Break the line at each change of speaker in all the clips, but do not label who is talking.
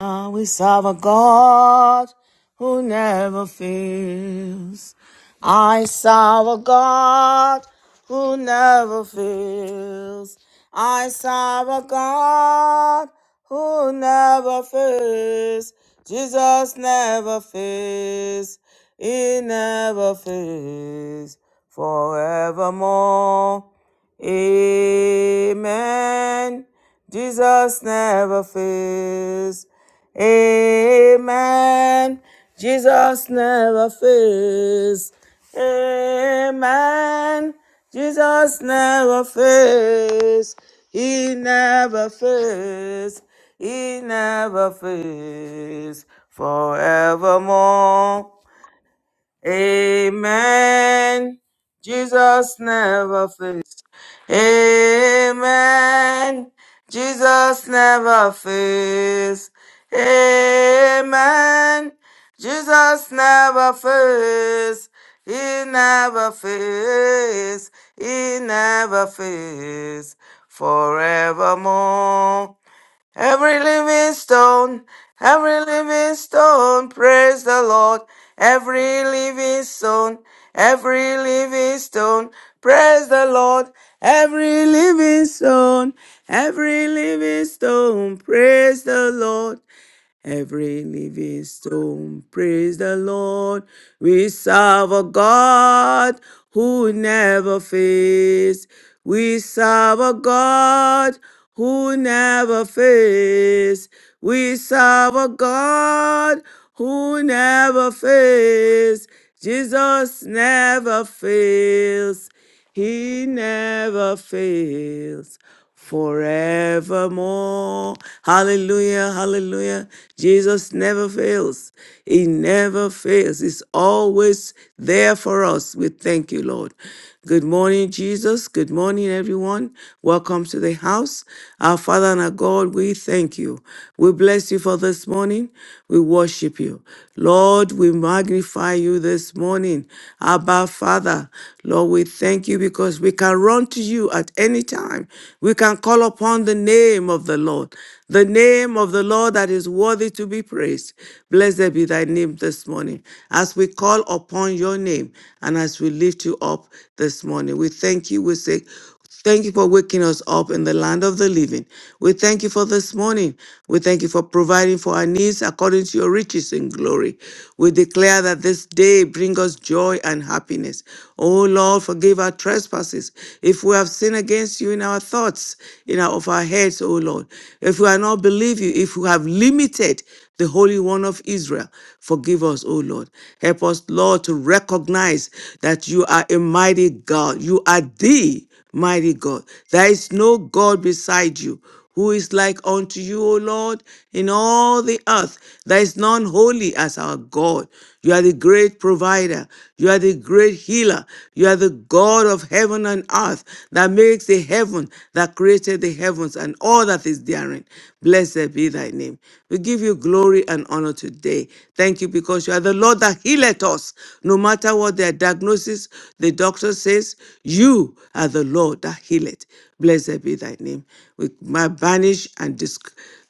Ah, we serve a God who never fails. I serve a God who never fails. I serve a God who never fails. Jesus never fails. He never fails forevermore. Amen. Jesus never fails. Amen. Jesus never fails. Amen. Jesus never fails. He never fails. He never fails. Forevermore. Amen. Jesus never fails. Amen. Jesus never fails. Amen. Jesus never fails. He never fails. He never fails. Forevermore. Every living stone, every living stone, praise the Lord. Every living stone, every living stone, praise the Lord. Every living stone, every living stone, praise the Lord every living stone. Praise the Lord. We serve a God who never fails. We serve a God who never fails. We serve a God who never fails. Jesus never fails. He never fails forevermore. Hallelujah, hallelujah. Jesus never fails. He never fails. He's always there for us. We thank you, Lord. Good morning, Jesus. Good morning, everyone. Welcome to the house. Our Father and our God, we thank you. We bless you for this morning. We worship you. Lord, we magnify you you this morning. Abba, Father, Lord, we thank you because we can run to you at any time. We can call upon the name of the Lord, the name of the Lord that is worthy to be praised. Blessed be thy name this morning. As we call upon your name and as we lift you up this morning, we thank you. We say, Thank you for waking us up in the land of the living. We thank you for this morning. We thank you for providing for our needs according to your riches in glory. We declare that this day bring us joy and happiness. Oh Lord, forgive our trespasses. If we have sinned against you in our thoughts, in our of our heads, oh Lord, if we have not believed you, if we have limited the Holy One of Israel. Forgive us, O Lord. Help us, Lord, to recognize that you are a mighty God. You are the mighty God. There is no God beside you who is like unto you, O Lord, in all the earth. There is none holy as our God. You are the great provider. You are the great healer. You are the God of heaven and earth that makes the heaven, that created the heavens and all that is therein. Blessed be thy name. We give you glory and honor today. Thank you because you are the Lord that healeth us, no matter what their diagnosis diagnosis, the doctor says, You are the Lord that healeth. Blessed be thy name. We might banish and dis-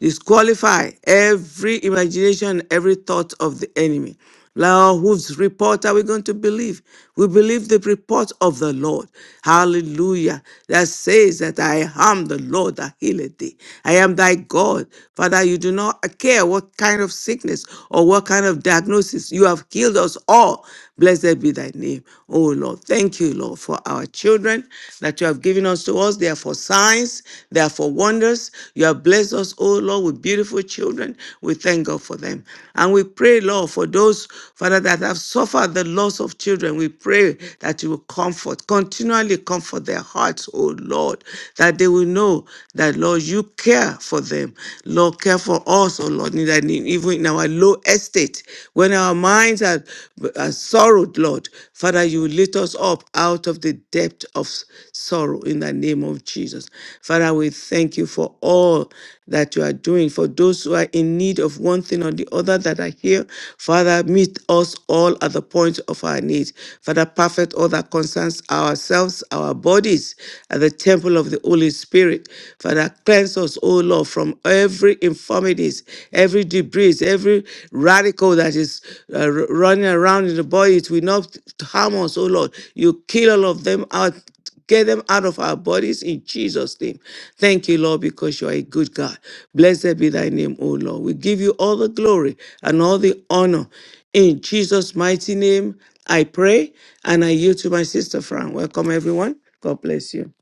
disqualify every imagination, every thought of the enemy. Lord, whose report are we going to believe? We believe the report of the Lord. Hallelujah. That says that I am the Lord that healeth thee. I am thy God. Father, you do not care what kind of sickness or what kind of diagnosis. You have healed us all. Blessed be thy name, O Lord. Thank you, Lord, for our children that you have given us to us. They are for signs, they are for wonders. You have blessed us, O Lord, with beautiful children. We thank God for them. And we pray, Lord, for those, Father, that have suffered the loss of children. We pray that you will comfort, continually comfort their hearts, O Lord, that they will know that, Lord, you care for them. Lord, care for us, O Lord, in that- even in our our low estate, when our minds are, are sorrowed, Lord, Father, you lift us up out of the depth of s- sorrow in the name of Jesus. Father, we thank you for all that you are doing. For those who are in need of one thing or the other that are here, Father, meet us all at the point of our needs. Father, perfect all that concerns ourselves, our bodies, at the temple of the Holy Spirit. Father, cleanse us, O Lord. O Lord, from every infirmities, every debris, every radical that is uh, r- running around in the body. It will not harm us, O Lord. You kill all of them out. Get them out of our bodies in Jesus' name. Thank you, Lord, because you are a good God. Blessed be thy name, O Lord. We give you all the glory and all the honor. In Jesus' mighty name, I pray and I yield to my sister Fran. Welcome, everyone. God bless you.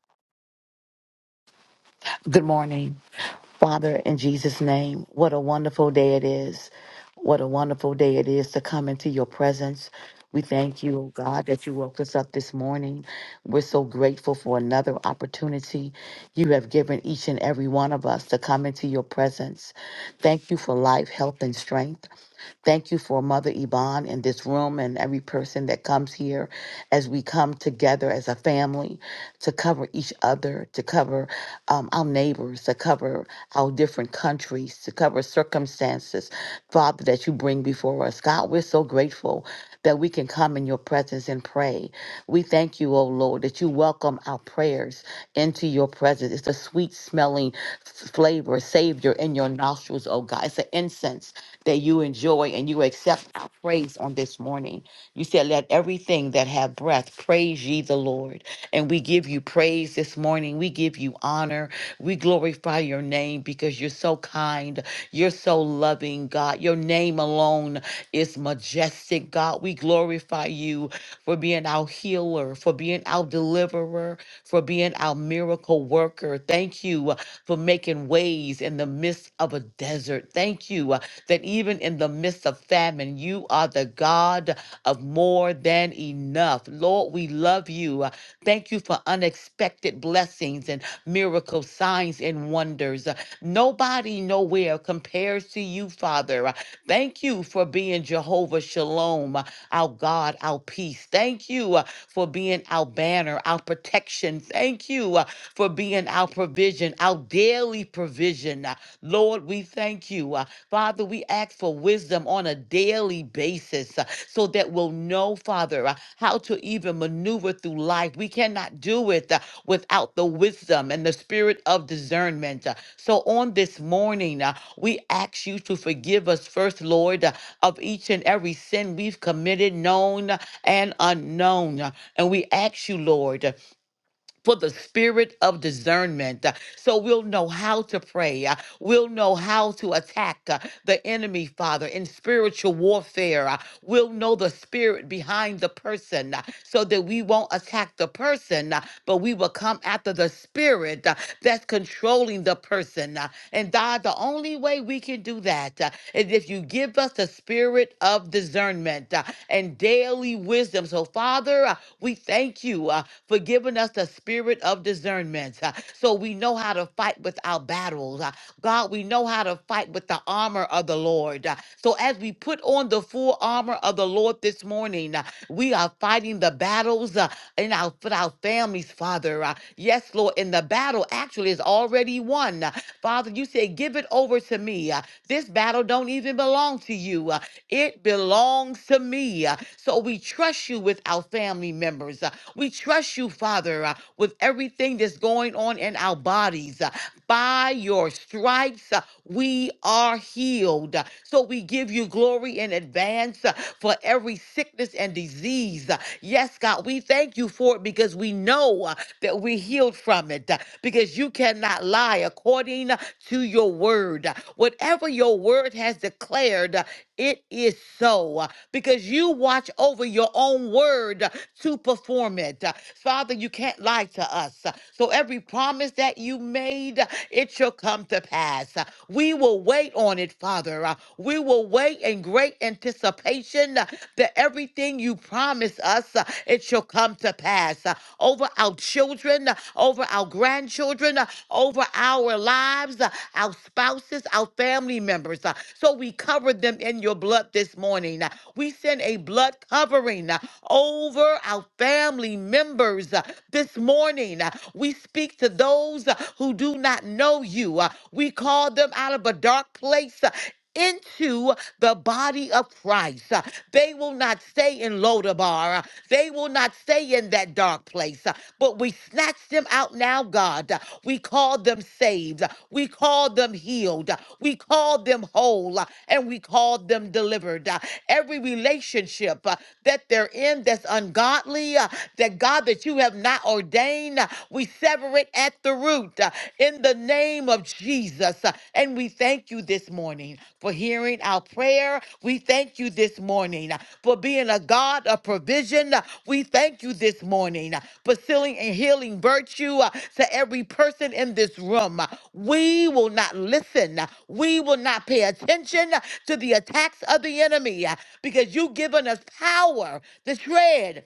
Good morning, Father, in Jesus' name. What a wonderful day it is. What a wonderful day it is to come into your presence. We thank you, oh God, that you woke us up this morning. We're so grateful for another opportunity you have given each and every one of us to come into your presence. Thank you for life, health, and strength. Thank you for Mother Yvonne in this room and every person that comes here as we come together as a family to cover each other, to cover um, our neighbors, to cover our different countries, to cover circumstances, Father, that you bring before us. God, we're so grateful that we can come in your presence and pray. We thank you, O Lord, that you welcome our prayers into your presence. It's a sweet smelling f- flavor, savior in your nostrils, O God. It's an incense that you enjoy and you accept our praise on this morning. You said, Let everything that have breath praise ye the Lord. And we give you praise this morning. We give you honor. We glorify your name because you're so kind. You're so loving, God. Your name alone is majestic, God. We glorify you for being our healer, for being our deliverer, for being our miracle worker. Thank you uh, for making ways in the midst of a desert. Thank you uh, that even in the midst of famine, you are the God of more than enough. Lord, we love you. uh, Thank you for unexpected blessings and miracles, signs, and wonders. Uh, Nobody nowhere compares to you, Father. Uh, Thank you for being Jehovah Shalom, uh, our God, our peace. Thank you uh, for being our banner, our protection. Thank you uh, for being our provision, our daily provision. Uh, Lord, we thank you. Uh, Father, we ask for wisdom on a daily basis. Uh, so that we'll know, Father, uh, how to even maneuver through life. We cannot do it uh, without the wisdom and the spirit of discernment. uh. So on this morning, uh, we ask you to forgive us first, Lord, uh, of each and every sin we've committed, known and unknown. Uh, And we ask you, Lord, for the spirit of discernment. uh, So we'll know how to pray. uh, We'll know how to attack uh, the enemy, Father, in spiritual warfare. uh, We'll know the spirit behind the person uh, so that we won't attack the person, uh, but we will come after the spirit uh, that's controlling the the person. uh, And God, the only way we can do that uh, is if you give us the spirit of discernment uh, and daily wisdom. So, Father, uh, we thank you uh, for giving us the spirit of discernment uh, so we know how to fight with our battles. uh, God, we know how to fight with the armor of the Lord. uh, So, as we put on the full armor of the Lord this morning, uh, we are fighting the battles. uh, in our for our families, Father. Uh, yes, Lord, in the battle actually is already won. Uh, Father, you say, give it over to me. Uh, this battle don't even belong to you. Uh, it belongs to me. Uh, so we trust you with our family members. Uh, we trust you, Father, uh, with everything that's going on in our bodies. Uh, by your stripes, uh, we are healed. So we give you glory in advance uh, for every sickness and disease. Uh, Yes, God, we thank you for it because we know uh, that we're healed from it uh, because you cannot lie according uh, to your word. Uh, Whatever your word has declared, uh, it is so because you watch over your own word to perform it. Father, you can't lie to us. So every promise that you made, it shall come to pass. We will wait on it, Father. We will wait in great anticipation that everything you promise us, it shall come to pass over our children, over our grandchildren over our lives, uh, our spouses, our family members. uh, So we cover them in your blood this morning. Uh, We send a blood covering uh, over our family members uh, this morning. Uh, We speak to those uh, who do not know you. Uh, We call them out of a dark place uh, into the body of Christ. Uh, They will not stay in Lodabar. Uh, They will not stay in that dark place. Uh, But we snatch them out now, God. Uh, We call them saved. Uh, We call them healed. Uh, We call them whole. Uh, And we call them delivered. Uh, Every relationship uh, that they're in that's ungodly, uh, that God, that you have not ordained, uh, we sever it at the root root uh, in the name of Jesus. Uh, And we thank you this morning for hearing our prayer. We thank you this morning uh, for being a God of provision. Uh, We thank you this morning uh, for sealing and healing virtue uh, to every person in this room. Uh, We will not listen. Uh, We will not pay attention uh, to the attacks of the enemy uh, because you've given us power to tread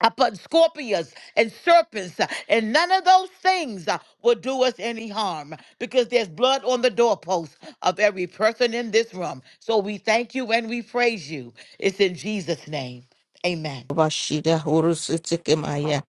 upon scorpions and serpents, uh, and none of those things uh, will do us any harm because there's blood on the doorpost of every person in this room. So we thank you and we praise you. It's in Jesus' name. Amen.
Bashida Horus Tikimaya.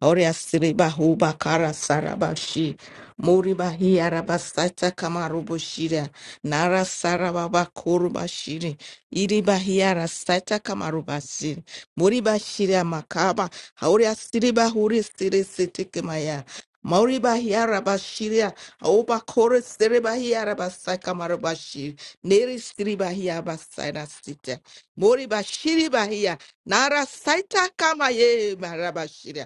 Oria Siriba Huba Kara Sarabashi Moriba Hiarabasata Kamarubushira Nara Sarababa Kurubashiri Iriba Hiarasata Kamarubasiri Moriba Shira Makaba Hauria Siriba Huri Siri Sitikimaya Mauriba Hiarabashiria Oba Kore Siriba Hiarabasaka Marubashir Neri Siriba Hiabasana Sita Moriba Shiriba Hia Nara Saita Kamaye Marabashira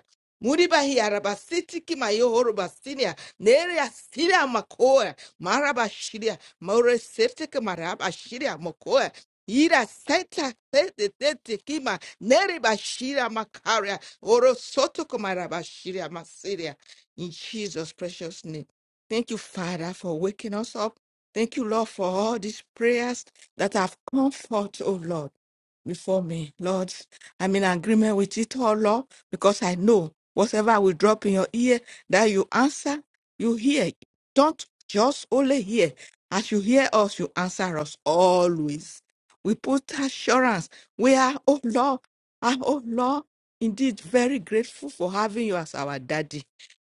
Muribahi arabasitiki mayohoro basinia nere asiria makoa marabashiria maure seftika marabashiria makoe ira seta sete sete kima nere bashira makaria oro soto kumarabashiria masiria in Jesus precious name. Thank you Father for waking us up. Thank you Lord for all these prayers that have come forth, oh Lord, before me. Lord, I'm in agreement with it all, Lord, because I know Whatever I will drop in your ear, that you answer, you hear. Don't just only hear. As you hear us, you answer us always. We put assurance. We are, oh Lord, ah, oh Lord, indeed very grateful for having you as our daddy.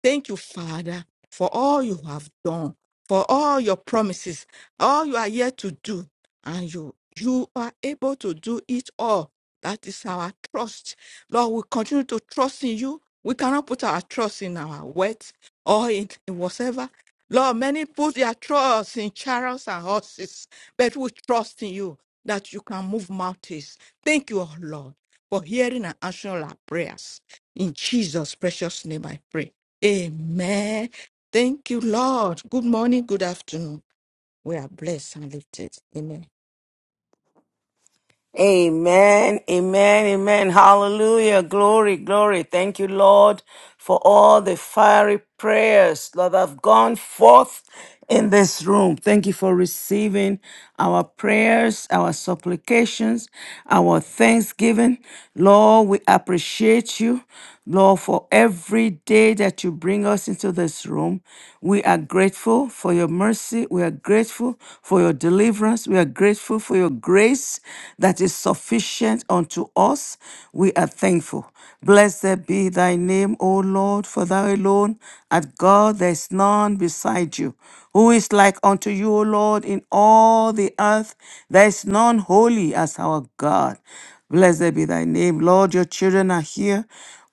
Thank you, Father, for all you have done, for all your promises, all you are yet to do, and you you are able to do it all. That is our trust. Lord, we continue to trust in you. We cannot put our trust in our wealth or in, in whatever. Lord, many put their trust in chariots and horses, but we trust in you that you can move mountains. Thank you, oh Lord, for hearing and answering our prayers. In Jesus' precious name I pray. Amen. Thank you, Lord. Good morning, good afternoon. We are blessed and lifted. Amen.
Amen, amen, amen. Hallelujah. Glory, glory. Thank you, Lord, for all the fiery prayers that have gone forth in this room. Thank you for receiving our prayers, our supplications, our thanksgiving. Lord, we appreciate you. Lord, for every day that you bring us into this room, we are grateful for your mercy. We are grateful for your deliverance. We are grateful for your grace that is sufficient unto us. We are thankful. Blessed be thy name, O Lord, for thou alone art God, there is none beside you. Who is like unto you, O Lord, in all the earth? There is none holy as our God. Blessed be thy name, Lord. Your children are here.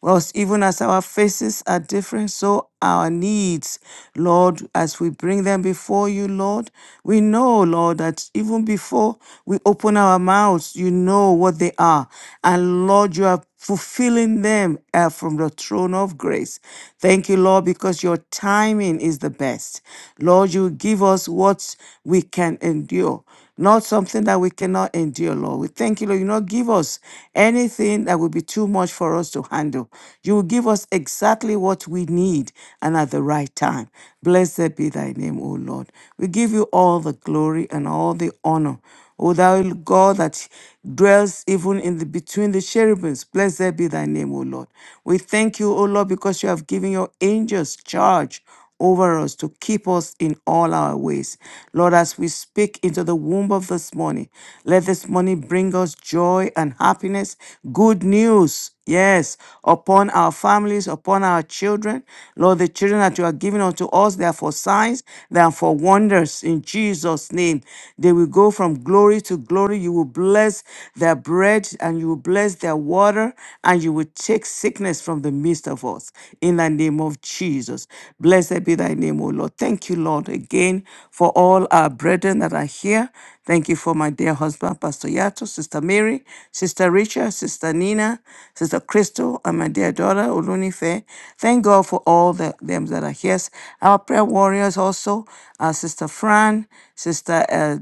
Whilst even as our faces are different, so our needs, Lord, as we bring them before you, Lord, we know, Lord, that even before we open our mouths, you know what they are. And Lord, you are fulfilling them uh, from the throne of grace. Thank you, Lord, because your timing is the best. Lord, you give us what we can endure not something that we cannot endure, Lord. We thank you, Lord. You not give us anything that will be too much for us to handle. You will give us exactly what we need and at the right time. Blessed be thy name, O Lord. We give you all the glory and all the honor. O thou God that dwells even in the between the cherubims, blessed be thy name, O Lord. We thank you, O Lord, because you have given your angels charge over us to keep us in all our ways. Lord, as we speak into the womb of this morning, let this morning bring us joy and happiness, good news. Yes, upon our families, upon our children. Lord, the children that you are giving unto us, they are for signs, they are for wonders in Jesus' name. They will go from glory to glory. You will bless their bread and you will bless their water and you will take sickness from the midst of us In in the name of Jesus. Blessed be thy name, O Lord. Thank you, Lord, again for all our brethren that are here. Thank you for my dear husband, Pastor Yato, Sister Mary, Sister Richa, Sister Nina, Sister Crystal, and my dear daughter, Olunife. Thank God for all the, them that are here. Our prayer warriors also, our Sister Fran, Sister uh,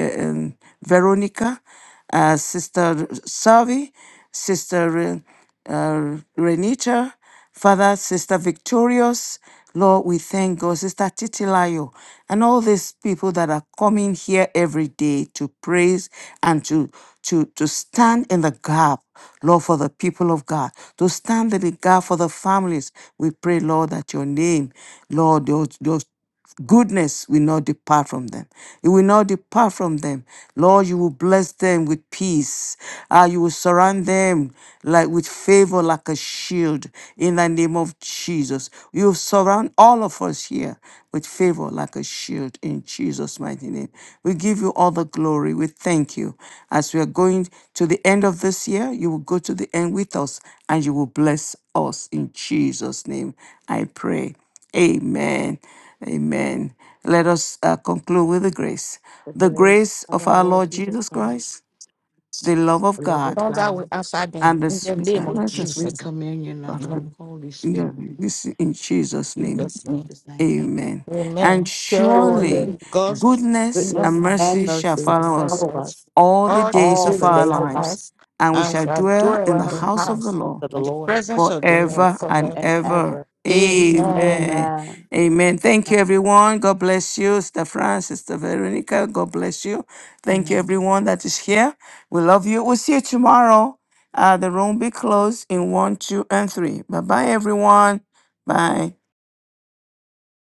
uh, um, Veronica, uh, Sister Savi, Sister Re- uh, Renita, Father, Sister Victorious, Lord, we thank God. Sister Titilayo, and all these people that are coming here every day to praise and to, to, to stand in the gap, Lord, for the people of God, to stand in the gap for the families. We pray, Lord, that your name, Lord, those, those goodness will not depart from them. It will not depart from them. Lord, you will bless them with peace. Ah, you will surround them like with favor, like a shield. In the name of Jesus, you will surround all of us here with favor, like a shield. In Jesus' mighty name, we give you all the glory. We thank you. As we are going to the end of this year, you will go to the end with us, and you will bless us. In Jesus' name, I pray. Amen. Amen. Let us uh, conclude with the grace. The grace of our Lord Jesus Christ, the love of
The love
God,
of
Father, we
God,
answer
and
them
the
in the
sweet-
name
uh,
of
let
the
us
free
Jesus.
communion of the
Amen.
Holy
in the-
Spirit,
this in Jesus' name.
Jesus'
in
name.
Jesus' name. And
Amen.
Amen.
And
surely
surely
Surely God's
goodness
goodness
and
goodness
and mercy
and
mercy shall
mercy
shall
follow
follow
us
follow
us
us
all the
all the
days
all
of
days
the
of
our
days
our
of our
lives,
lives,
and we
and
shall
shall
dwell
dwell
in the
in
well,
the
house of the
house
of
Lord
the
and the
Lord,
presence of the Lord
forever and
forever.
and
ever.
ever.
Amen.
Amen.
Amen.
Amen. Thank you, everyone. God bless you, Sister Francis, Sister Veronica. God bless you. Thank you,
Amen.
everyone that is here. We love you. We'll see you tomorrow. Uh, the room will be closed in one, two, and three. Bye bye, everyone. Bye.